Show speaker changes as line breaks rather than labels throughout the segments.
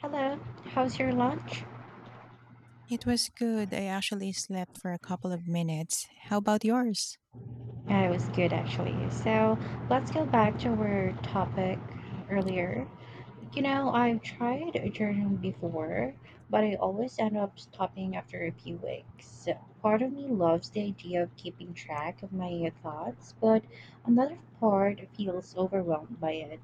Hello, how's your lunch?
It was good. I actually slept for a couple of minutes. How about yours?
Yeah, it was good actually. So let's go back to our topic earlier. You know, I've tried journaling before, but I always end up stopping after a few weeks. So, part of me loves the idea of keeping track of my thoughts, but another part feels overwhelmed by it.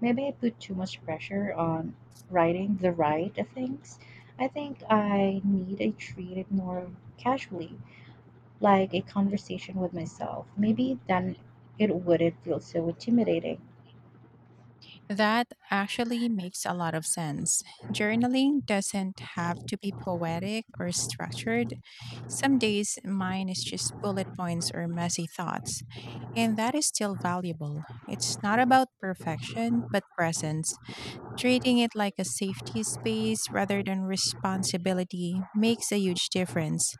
Maybe I put too much pressure on writing the right things. I think I need to treat it more casually like a conversation with myself. Maybe then it wouldn't feel so intimidating.
That actually makes a lot of sense. Journaling doesn't have to be poetic or structured. Some days mine is just bullet points or messy thoughts, and that is still valuable. It's not about perfection, but presence. Treating it like a safety space rather than responsibility makes a huge difference.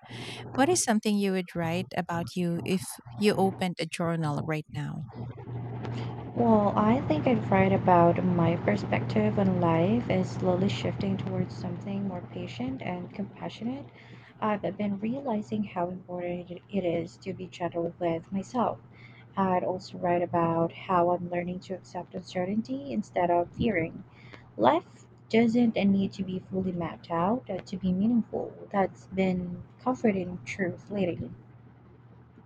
What is something you would write about you if you opened a journal right now?
Well, I think I'd write about my perspective on life is slowly shifting towards something more patient and compassionate. I've been realizing how important it is to be gentle with myself. I'd also write about how I'm learning to accept uncertainty instead of fearing life doesn't need to be fully mapped out to be meaningful. That's been comforting truth lately.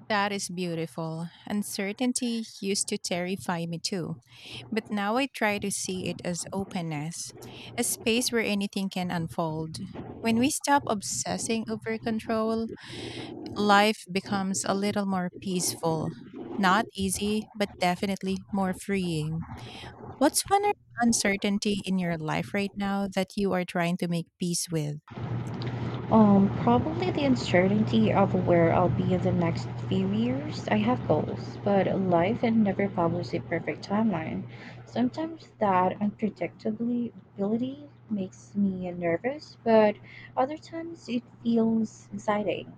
That is beautiful. Uncertainty used to terrify me too, but now I try to see it as openness, a space where anything can unfold. When we stop obsessing over control, life becomes a little more peaceful. Not easy, but definitely more freeing. What's one uncertainty in your life right now that you are trying to make peace with?
Probably the uncertainty of where I'll be in the next few years. I have goals, but life and never publish a perfect timeline. Sometimes that unpredictability makes me nervous, but other times it feels exciting.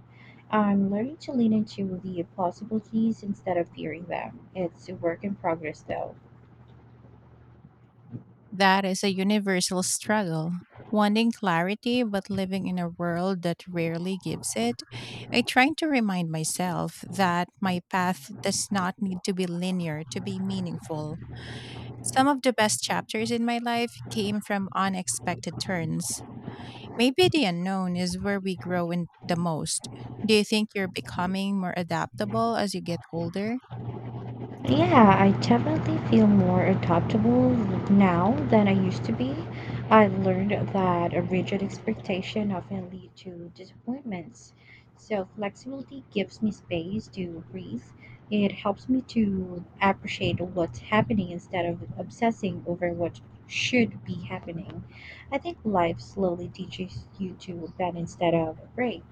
I'm learning to lean into the possibilities instead of fearing them. It's a work in progress, though.
That is a universal struggle. Wanting clarity, but living in a world that rarely gives it. I try to remind myself that my path does not need to be linear to be meaningful. Some of the best chapters in my life came from unexpected turns. Maybe the unknown is where we grow in the most. Do you think you're becoming more adaptable as you get older?
Yeah, I definitely feel more adaptable now than I used to be. I learned that a rigid expectation often lead to disappointments. So flexibility gives me space to breathe. It helps me to appreciate what's happening instead of obsessing over what should be happening. I think life slowly teaches you to balance that out of break.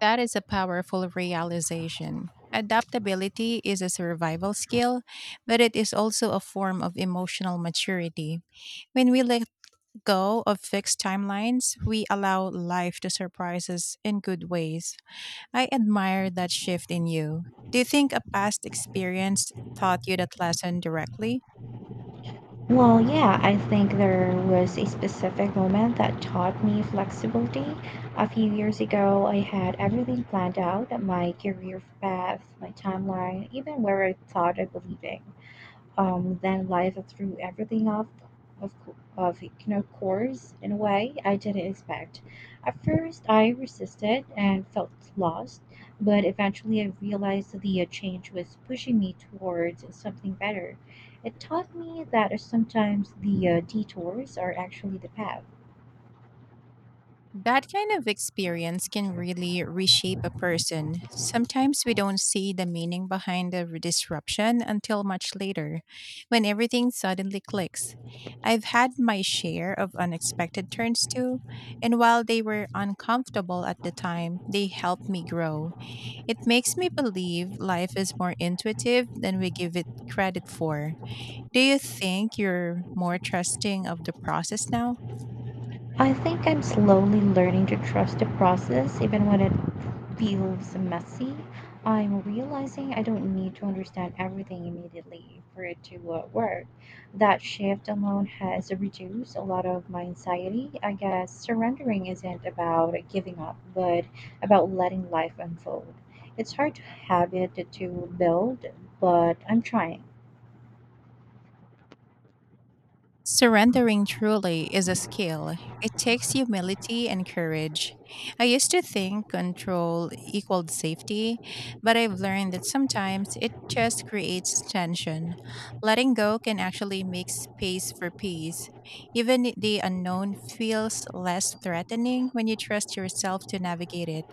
That is a powerful realization. Adaptability is a survival skill, but it is also a form of emotional maturity. When we let go of fixed timelines, we allow life to surprise us in good ways. I admire that shift in you. Do you think a past experience taught you that lesson directly?
Well, yeah, I think there was a specific moment that taught me flexibility. A few years ago, I had everything planned out, my career path, my timeline, even where I thought I would be living, then life threw everything off of course in a way I didn't expect. At first, I resisted and felt lost, but eventually I realized that the change was pushing me towards something better. It taught me that sometimes the detours are actually the path.
That kind of experience can really reshape a person. Sometimes we don't see the meaning behind the disruption until much later, when everything suddenly clicks. I've had my share of unexpected turns too, and while they were uncomfortable at the time, they helped me grow. It makes me believe life is more intuitive than we give it credit for. Do you think you're more trusting of the process now?
I think I'm slowly learning to trust the process, even when it feels messy. I'm realizing I don't need to understand everything immediately for it to work. That shift alone has reduced a lot of my anxiety. I guess surrendering isn't about giving up, but about letting life unfold. It's hard to habit to build, but I'm trying.
Surrendering truly is a skill. It takes humility and courage. I used to think control equaled safety, but I've learned that sometimes it just creates tension. Letting go can actually make space for peace. Even the unknown feels less threatening when you trust yourself to navigate it.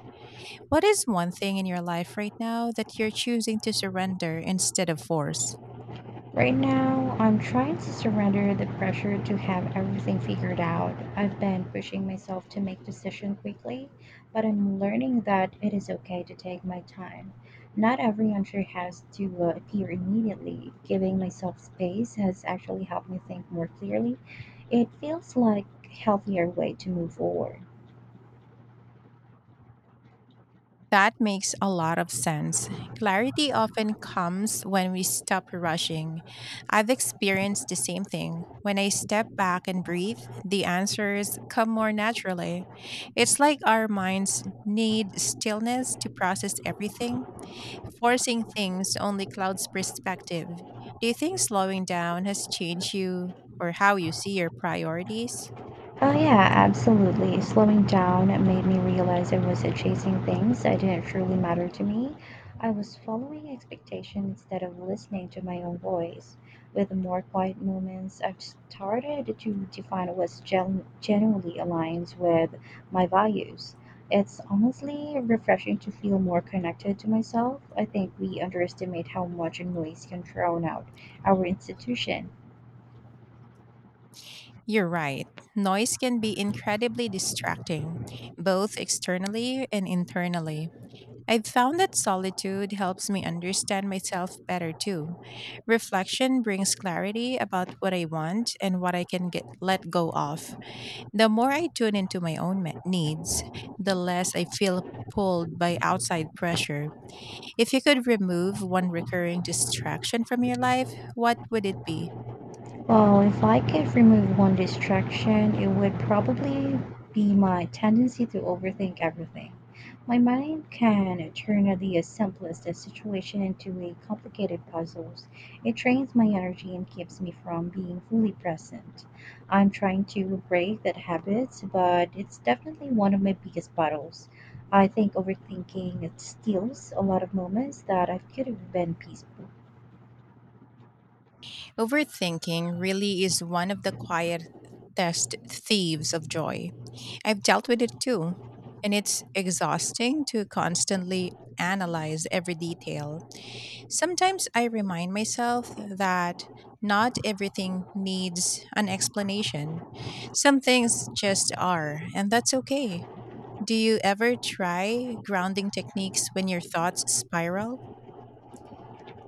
What is one thing in your life right now that you're choosing to surrender instead of force?
Right now, I'm trying to surrender the pressure to have everything figured out. I've been pushing myself to make decisions quickly, but I'm learning that it is okay to take my time. Not every answer has to appear immediately. Giving myself space has actually helped me think more clearly. It feels like a healthier way to move forward.
That makes a lot of sense. Clarity often comes when we stop rushing. I've experienced the same thing. When I step back and breathe, the answers come more naturally. It's like our minds need stillness to process everything. Forcing things only clouds perspective. Do you think slowing down has changed you or how you see your priorities?
Oh, yeah, absolutely. Slowing down made me realize I wasn't chasing things that didn't truly matter to me. I was following expectation instead of listening to my own voice. With more quiet moments, I've started to define what genuinely aligns with my values. It's honestly refreshing to feel more connected to myself. I think we underestimate how much noise can drown out our institution.
You're right. Noise can be incredibly distracting, both externally and internally. I've found that solitude helps me understand myself better too. Reflection brings clarity about what I want and what I can get let go of. The more I tune into my own needs, the less I feel pulled by outside pressure. If you could remove one recurring distraction from your life, what would it be?
Well, if I could remove one distraction, it would probably be my tendency to overthink everything. My mind can turn the simplest situation into a complicated puzzle. It drains my energy and keeps me from being fully present. I'm trying to break that habit, but it's definitely one of my biggest battles. I think overthinking it steals a lot of moments that I could have been peaceful.
Overthinking really is one of the quietest thieves of joy. I've dealt with it too, and it's exhausting to constantly analyze every detail. Sometimes I remind myself that not everything needs an explanation. Some things just are, and that's okay. Do you ever try grounding techniques when your thoughts spiral?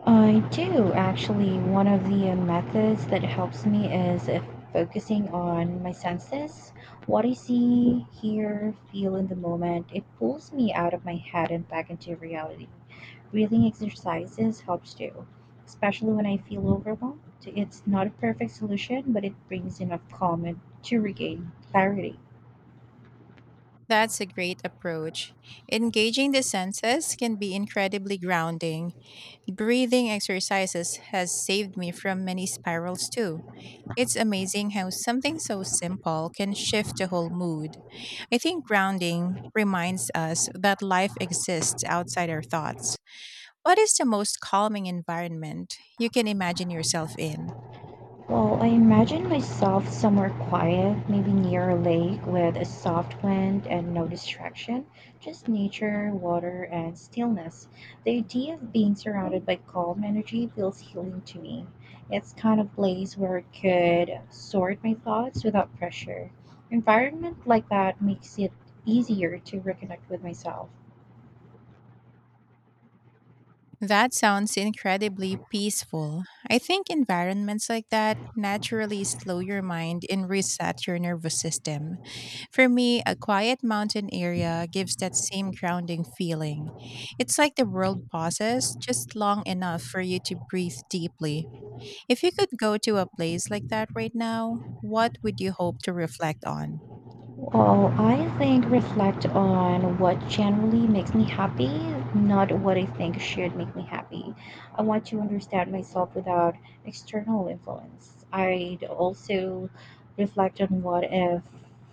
I do actually. One of the methods that helps me is if focusing on my senses, what I see, hear, feel in the moment. It pulls me out of my head and back into reality. Breathing exercises helps too, especially when I feel overwhelmed. It's not a perfect solution, but it brings enough calm and to regain clarity.
That's a great approach. Engaging the senses can be incredibly grounding. Breathing exercises has saved me from many spirals too. It's amazing how something so simple can shift the whole mood. I think grounding reminds us that life exists outside our thoughts. What is the most calming environment you can imagine yourself in?
Well, I imagine myself somewhere quiet, maybe near a lake with a soft wind and no distraction, just nature, water, and stillness. The idea of being surrounded by calm energy feels healing to me. It's kind of place where I could sort my thoughts without pressure. Environment like that makes it easier to reconnect with myself.
That sounds incredibly peaceful. I think environments like that naturally slow your mind and reset your nervous system. For me, a quiet mountain area gives that same grounding feeling. It's like the world pauses just long enough for you to breathe deeply. If you could go to a place like that right now, what would you hope to reflect on?
Well, I think reflect on what generally makes me happy, not what I think should make me happy. I want to understand myself without external influence. I'd also reflect on what if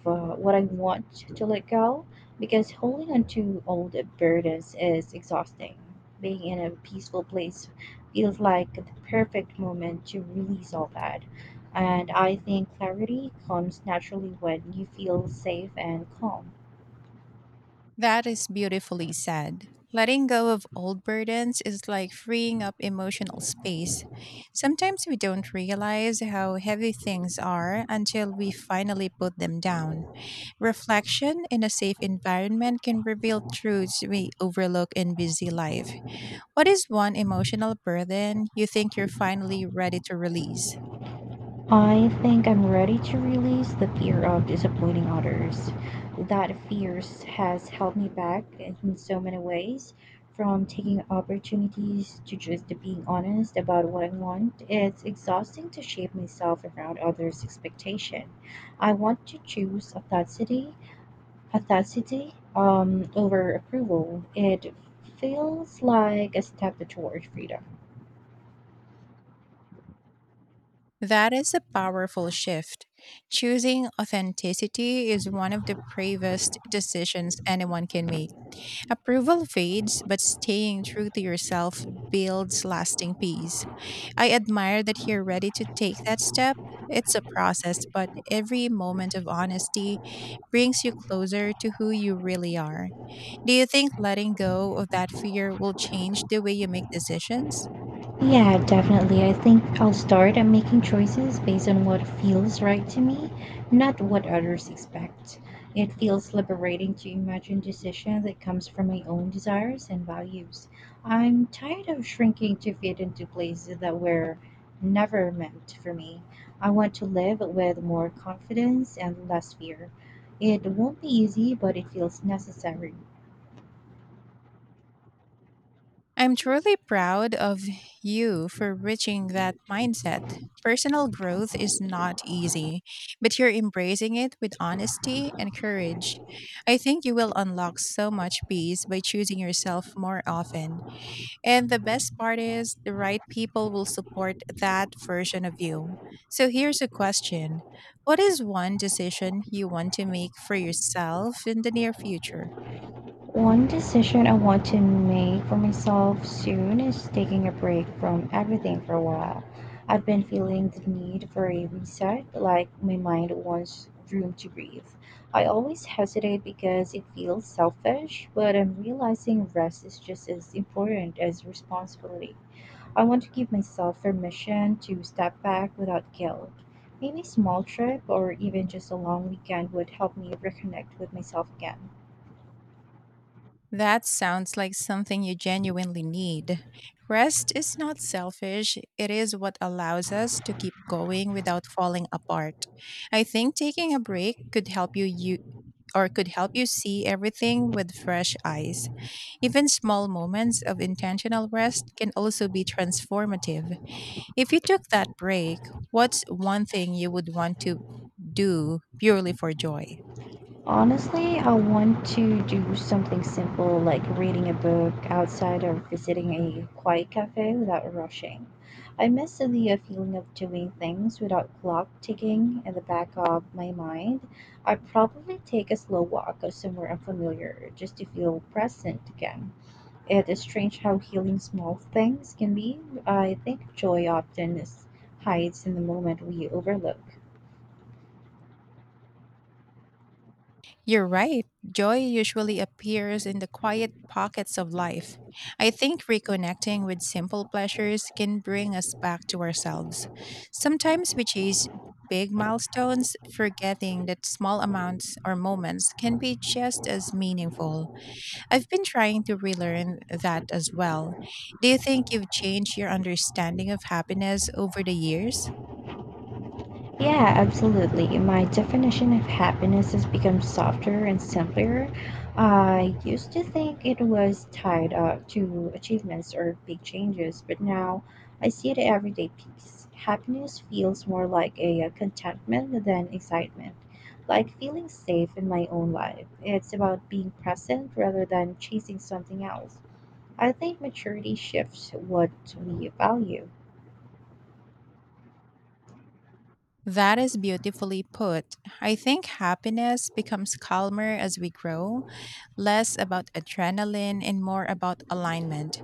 what I want to let go, because holding on to old burdens is exhausting. Being in a peaceful place feels like the perfect moment to release all that. And I think clarity comes naturally when you feel safe and calm.
That is beautifully said. Letting go of old burdens is like freeing up emotional space. Sometimes we don't realize how heavy things are until we finally put them down. Reflection in a safe environment can reveal truths we overlook in busy life. What is one emotional burden you think you're finally ready to release?
I think I'm ready to release the fear of disappointing others. That fear has held me back in so many ways, from taking opportunities to just being honest about what I want. It's exhausting to shape myself around others' expectation. I want to choose authenticity audacity over approval. It feels like a step toward freedom.
That is a powerful shift. Choosing authenticity is one of the bravest decisions anyone can make. Approval fades, but staying true to yourself builds lasting peace. I admire that you're ready to take that step. It's a process, but every moment of honesty brings you closer to who you really are. Do you think letting go of that fear will change the way you make decisions?
Yeah, definitely. I think I'll start at making choices based on what feels right to me, not what others expect. It feels liberating to imagine decision that comes from my own desires and values. I'm tired of shrinking to fit into places that were never meant for me. I want to live with more confidence and less fear. It won't be easy, but it feels necessary.
I'm truly proud of you for reaching that mindset. Personal growth is not easy, but you're embracing it with honesty and courage. I think you will unlock so much peace by choosing yourself more often. And the best part is, the right people will support that version of you. So here's a question. What is one decision you want to make for yourself in the near future?
One decision I want to make for myself soon is taking a break from everything for a while. I've been feeling the need for a reset, like my mind wants room to breathe. I always hesitate because it feels selfish, but I'm realizing rest is just as important as responsibility. I want to give myself permission to step back without guilt. Maybe a small trip or even just a long weekend would help me reconnect with myself again.
That sounds like something you genuinely need. Rest is not selfish, it is what allows us to keep going without falling apart. I think taking a break could help you or could help you see everything with fresh eyes. Even small moments of intentional rest can also be transformative. If you took that break, what's one thing you would want to do purely for joy?
Honestly, I want to do something simple like reading a book outside or visiting a quiet cafe without rushing. I miss the feeling of doing things without clock ticking in the back of my mind. I'd probably take a slow walk or somewhere unfamiliar just to feel present again. It is strange how healing small things can be. I think joy often is hides in the moment we overlook.
You're right. Joy usually appears in the quiet pockets of life. I think reconnecting with simple pleasures can bring us back to ourselves. Sometimes we chase big milestones, forgetting that small amounts or moments can be just as meaningful. I've been trying to relearn that as well. Do you think you've changed your understanding of happiness over the years?
Yeah, absolutely. My definition of happiness has become softer and simpler. I used to think it was tied up to achievements or big changes, but now I see it everyday peace. Happiness feels more like a contentment than excitement, like feeling safe in my own life. It's about being present rather than chasing something else. I think maturity shifts what we value.
That is beautifully put. I think happiness becomes calmer as we grow less about adrenaline and more about alignment.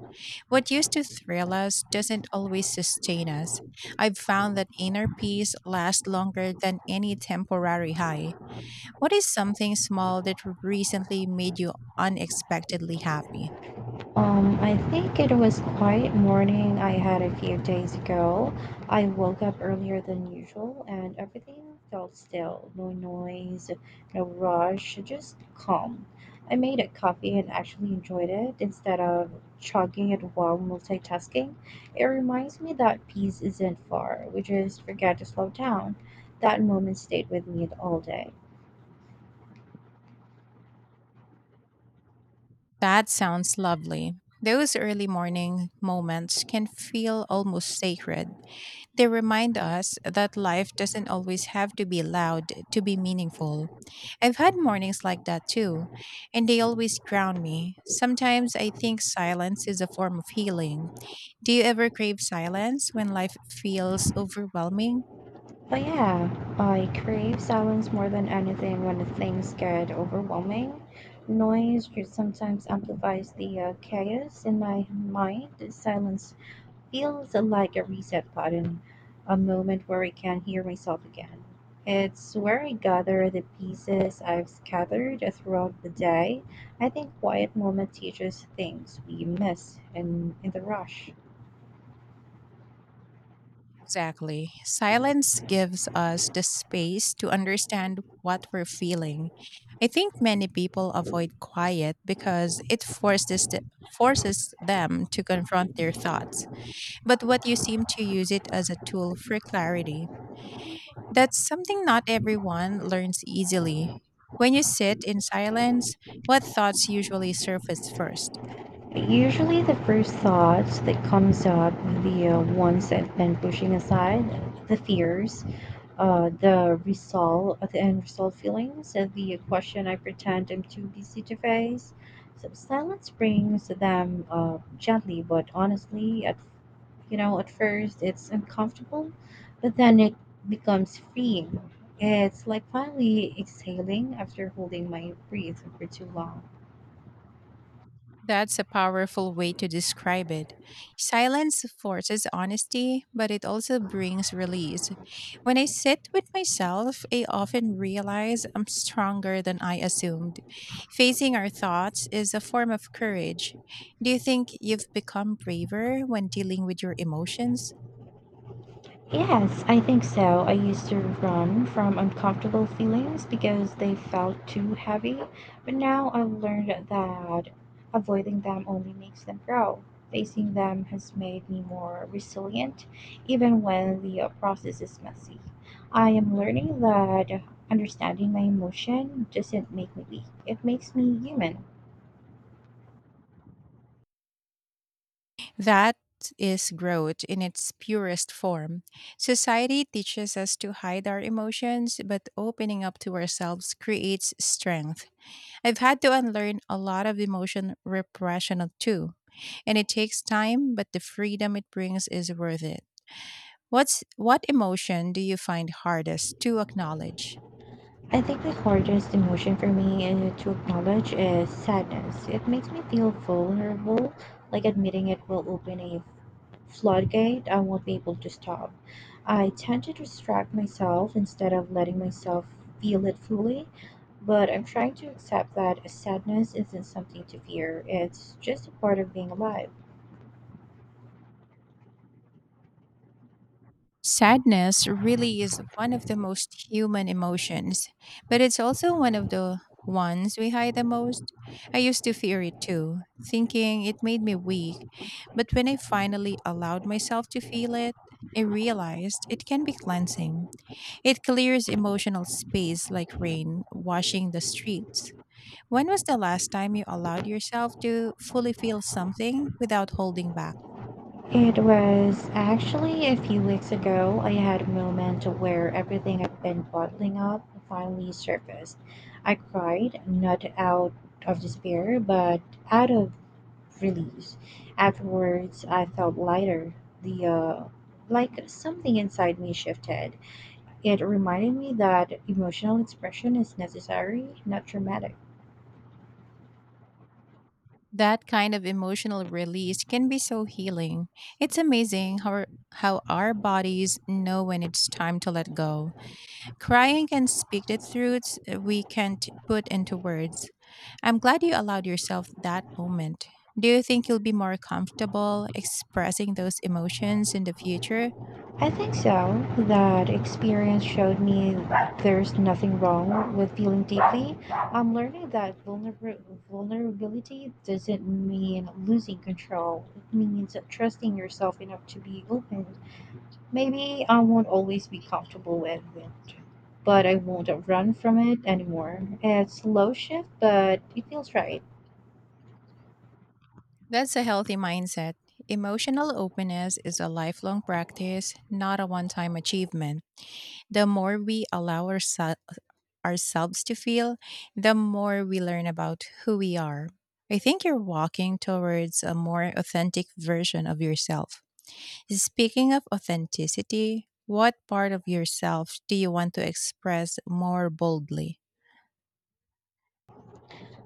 What used to thrill us doesn't always sustain us. I've found that inner peace lasts longer than any temporary high. What is something small that recently made you unexpectedly happy?
I think it was quiet morning I had a few days ago. I woke up earlier than usual and everything felt still. No noise, no rush, just calm. I made a coffee and actually enjoyed it instead of chugging it while multitasking. It reminds me that peace isn't far. We just forget to slow down. That moment stayed with me all day.
That sounds lovely. Those early morning moments can feel almost sacred. They remind us that life doesn't always have to be loud to be meaningful. I've had mornings like that too, and they always ground me. Sometimes I think silence is a form of healing. Do you ever crave silence when life feels overwhelming?
But yeah, I crave silence more than anything when the things get overwhelming. Noise just sometimes amplifies the chaos in my mind. Silence feels like a reset button, a moment where I can hear myself again. It's where I gather the pieces I've scattered throughout the day. I think quiet moment teaches things we miss in the rush.
Exactly. Silence gives us the space to understand what we're feeling. I think many people avoid quiet because it forces them to confront their thoughts, but what you seem to use it as a tool for clarity. That's something not everyone learns easily. When you sit in silence, what thoughts usually surface first?
Usually the first thought that comes up, the ones I've been pushing aside, the fears, the unresolved feelings, and the question I pretend I'm too busy to face. So silence brings them gently, but honestly, at you know, at first it's uncomfortable, but then it becomes freeing. It's like finally exhaling after holding my breath for too long.
That's a powerful way to describe it. Silence forces honesty, but it also brings release. When I sit with myself, I often realize I'm stronger than I assumed. Facing our thoughts is a form of courage. Do you think you've become braver when dealing with your emotions?
Yes, I think so. I used to run from uncomfortable feelings because they felt too heavy, but now I've learned that avoiding them only makes them grow. Facing them has made me more resilient, even when the process is messy. I am learning that understanding my emotion doesn't make me weak, it makes me human.
That is growth in its purest form. Society teaches us to hide our emotions, but opening up to ourselves creates strength. I've had to unlearn a lot of emotion repression of too, and it takes time, but the freedom it brings is worth it. What emotion do you find hardest to acknowledge?
I think the hardest emotion for me to acknowledge is sadness. It makes me feel vulnerable, like admitting it will open a floodgate I won't be able to stop. I tend to distract myself instead of letting myself feel it fully, but I'm trying to accept that sadness isn't something to fear, it's just a part of being alive.
Sadness really is one of the most human emotions, but it's also one of the ones we hide the most. I used to fear it too, thinking it made me weak, but when I finally allowed myself to feel it, I realized it can be cleansing. It clears emotional space like rain washing the streets. When was the last time you allowed yourself to fully feel something without holding back?
It was actually a few weeks ago. I had a moment where everything I've been bottling up finally surfaced. I cried, not out of despair, but out of release. Afterwards, I felt lighter. The like something inside me shifted. It reminded me that emotional expression is necessary, not dramatic.
That kind of emotional release can be so healing. It's amazing how our bodies know when it's time to let go. Crying can speak the truths we can't put into words. I'm glad you allowed yourself that moment. Do you think you'll be more comfortable expressing those emotions in the future?
I think so. That experience showed me there's nothing wrong with feeling deeply. I'm learning that vulnerability doesn't mean losing control, it means trusting yourself enough to be open. Maybe I won't always be comfortable with it, but I won't run from it anymore. It's slow shift, but it feels right.
That's a healthy mindset. Emotional openness is a lifelong practice, not a one time achievement. The more we allow ourselves to feel, the more we learn about who we are. I think you're walking towards a more authentic version of yourself. Speaking of authenticity, what part of yourself do you want to express more boldly?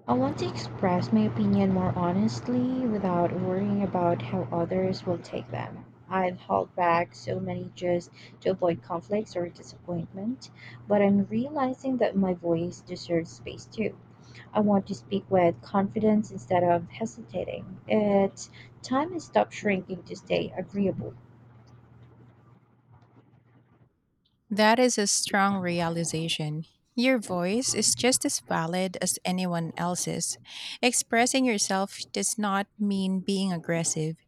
I want to express my opinion more honestly without worrying about how others will take them. I've held back so many just to avoid conflicts or disappointment, but I'm realizing that my voice deserves space too. I want to speak with confidence instead of hesitating. It's time I stop shrinking to stay agreeable.
That is a strong realization. Your voice is just as valid as anyone else's. Expressing yourself does not mean being aggressive,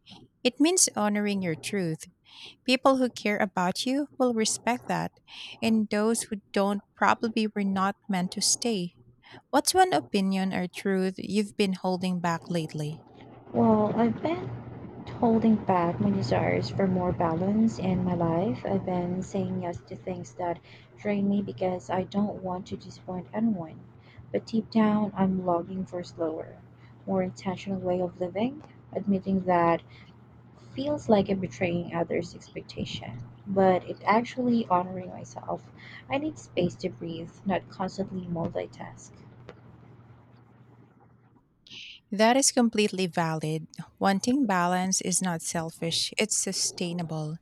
it means honoring your truth. People who care about you will respect that, and those who don't probably were not meant to stay. What's one opinion or truth you've been holding back lately?
Well, I've been holding back my desires for more balance in my life. I've been saying yes to things that drain me because I don't want to disappoint anyone. But deep down, I'm longing for a slower, more intentional way of living. Admitting that feels like I'm betraying others' expectation, but it actually honoring myself. I need space to breathe, not constantly multitask.
That is completely valid. Wanting balance is not selfish, it's sustainable.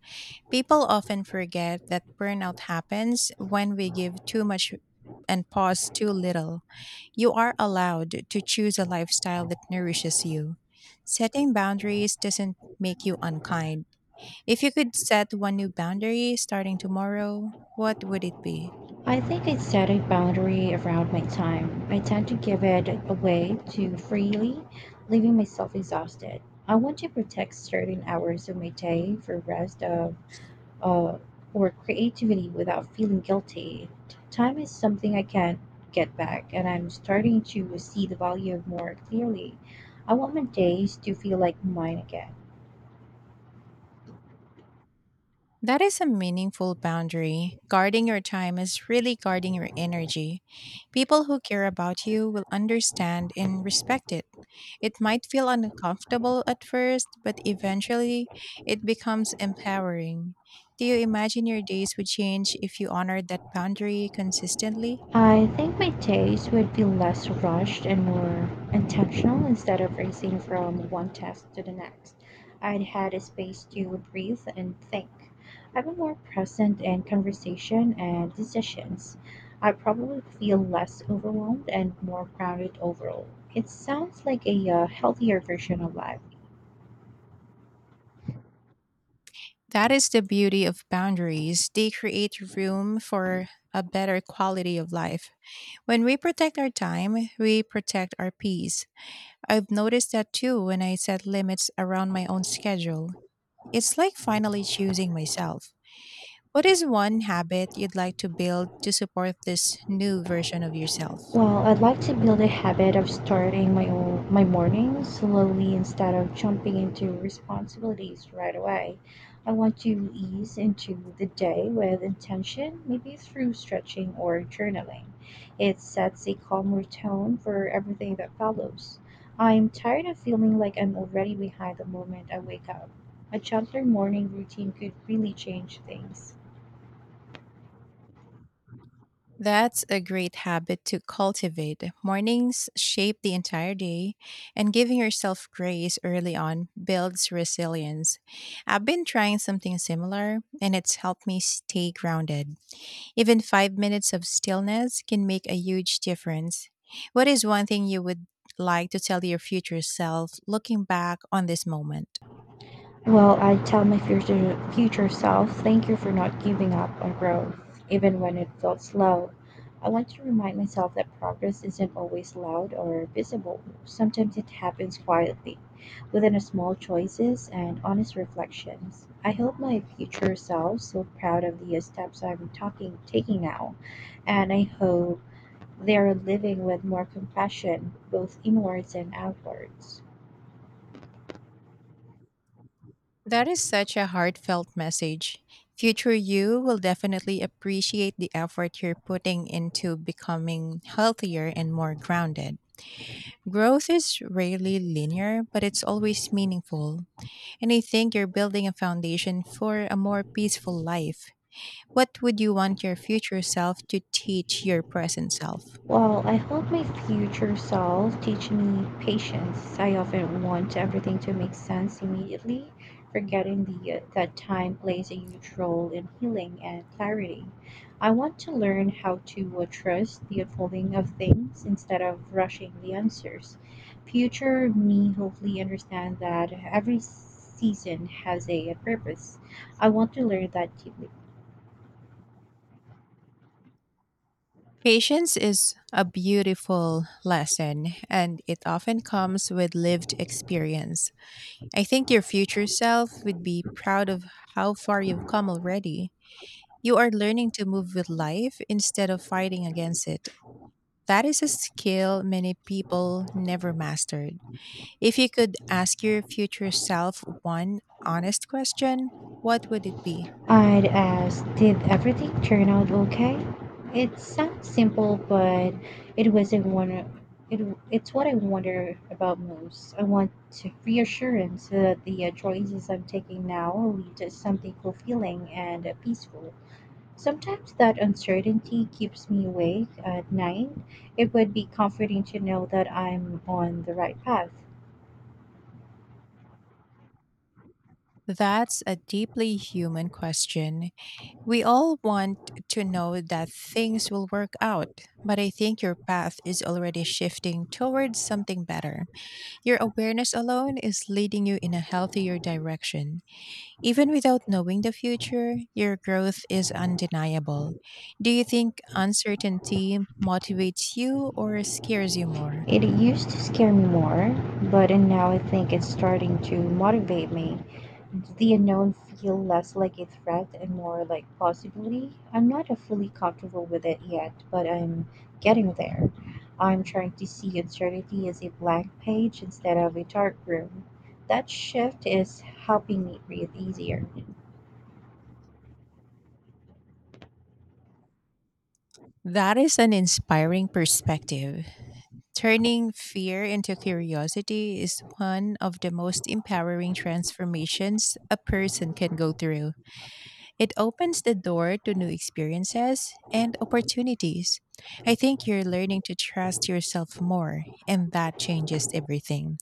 People often forget that burnout happens when we give too much and pause too little. You are allowed to choose a lifestyle that nourishes you. Setting boundaries doesn't make you unkind. If you could set one new boundary starting tomorrow, what would it be?
I think I set a boundary around my time. I tend to give it away too freely, leaving myself exhausted. I want to protect certain hours of my day for rest of uh, or creativity without feeling guilty. Time is something I can't get back, and I'm starting to see the value of more clearly. I want my days to feel like mine again.
That is a meaningful boundary. Guarding your time is really guarding your energy. People who care about you will understand and respect it. It might feel uncomfortable at first, but eventually it becomes empowering. Do you imagine your days would change if you honored that boundary consistently?
I think my taste would be less rushed and more intentional instead of racing from one task to the next. I'd had a space to breathe and think. I'd be more present in conversation and decisions. I'd probably feel less overwhelmed and more grounded overall. It sounds like a healthier version of life.
That is the beauty of boundaries. They create room for a better quality of life. When we protect our time, we protect our peace. I've noticed that too when I set limits around my own schedule. It's like finally choosing myself. What is one habit you'd like to build to support this new version of yourself?
Well, I'd like to build a habit of starting my own, my morning slowly instead of jumping into responsibilities right away. I want to ease into the day with intention, maybe through stretching or journaling. It sets a calmer tone for everything that follows. I'm tired of feeling like I'm already behind the moment I wake up. A gentler morning routine could really change things.
That's a great habit to cultivate. Mornings shape the entire day, and giving yourself grace early on builds resilience. I've been trying something similar, and it's helped me stay grounded. Even 5 minutes of stillness can make a huge difference. What is one thing you would like to tell your future self looking back on this moment?
Well, I tell my future self, thank you for not giving up on growth, even when it felt slow. I want to remind myself that progress isn't always loud or visible. Sometimes it happens quietly, within a small choices and honest reflections. I hope my future self so proud of the steps I'm talking taking now, and I hope they are living with more compassion, both inwards and outwards.
That is such a heartfelt message. Future you will definitely appreciate the effort you're putting into becoming healthier and more grounded. Growth is rarely linear, but it's always meaningful. And I think you're building a foundation for a more peaceful life. What would you want your future self to teach your present self?
Well, I hope my future self teach me patience. I often want everything to make sense immediately, forgetting the that time plays a huge role in healing and clarity. I want to learn how to trust the unfolding of things instead of rushing the answers. Future me hopefully understand that every season has a purpose. I want to learn that deeply.
Patience is a beautiful lesson, and it often comes with lived experience. I think your future self would be proud of how far you've come already. You are learning to move with life instead of fighting against it. That is a skill many people never mastered. If you could ask your future self one honest question, what would it be?
I'd ask, did everything turn out okay? It sounds simple, but it was a wonder. It, it's what I wonder about most. I want to reassurance that the choices I'm taking now lead to something fulfilling and peaceful. Sometimes that uncertainty keeps me awake at night. It would be comforting to know that I'm on the right path.
That's a deeply human question. We all want to know that things will work out, but I think your path is already shifting towards something better. Your awareness alone is leading you in a healthier direction. Even without knowing the future, your growth is undeniable. Do you think uncertainty motivates you or scares you more?
It used to scare me more, but and now I think it's starting to motivate me. The unknown feel less like a threat and more like possibility. I'm not fully comfortable with it yet, but I'm getting there. I'm trying to see uncertainty as a blank page instead of a dark room. That shift is helping me breathe easier.
That is an inspiring perspective. Turning fear into curiosity is one of the most empowering transformations a person can go through. It opens the door to new experiences and opportunities. I think you're learning to trust yourself more, and that changes everything.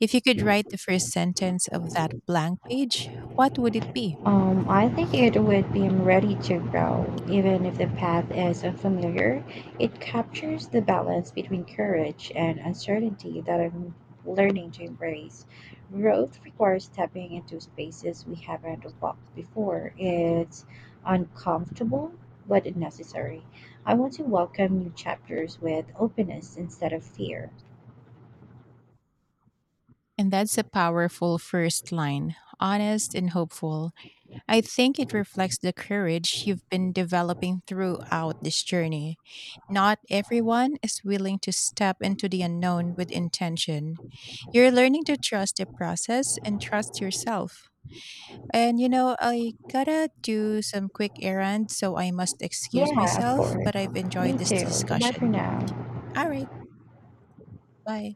If you could write the first sentence of that blank page, what would it be?
I think it would be ready to grow, even if the path is unfamiliar. It captures the balance between courage and uncertainty that I'm learning to embrace. Growth requires stepping into spaces we haven't walked before. It's uncomfortable, but necessary. I want to welcome new chapters with openness instead of fear.
And that's a powerful first line, honest and hopeful. I think it reflects the courage you've been developing throughout this journey. Not everyone is willing to step into the unknown with intention. You're learning to trust the process and trust yourself. And you know, I gotta do some quick errands, so I must excuse
Yeah, of
myself,
course.
but I've enjoyed
Me
this
too. Goodbye for
discussion.
now.
All right, bye.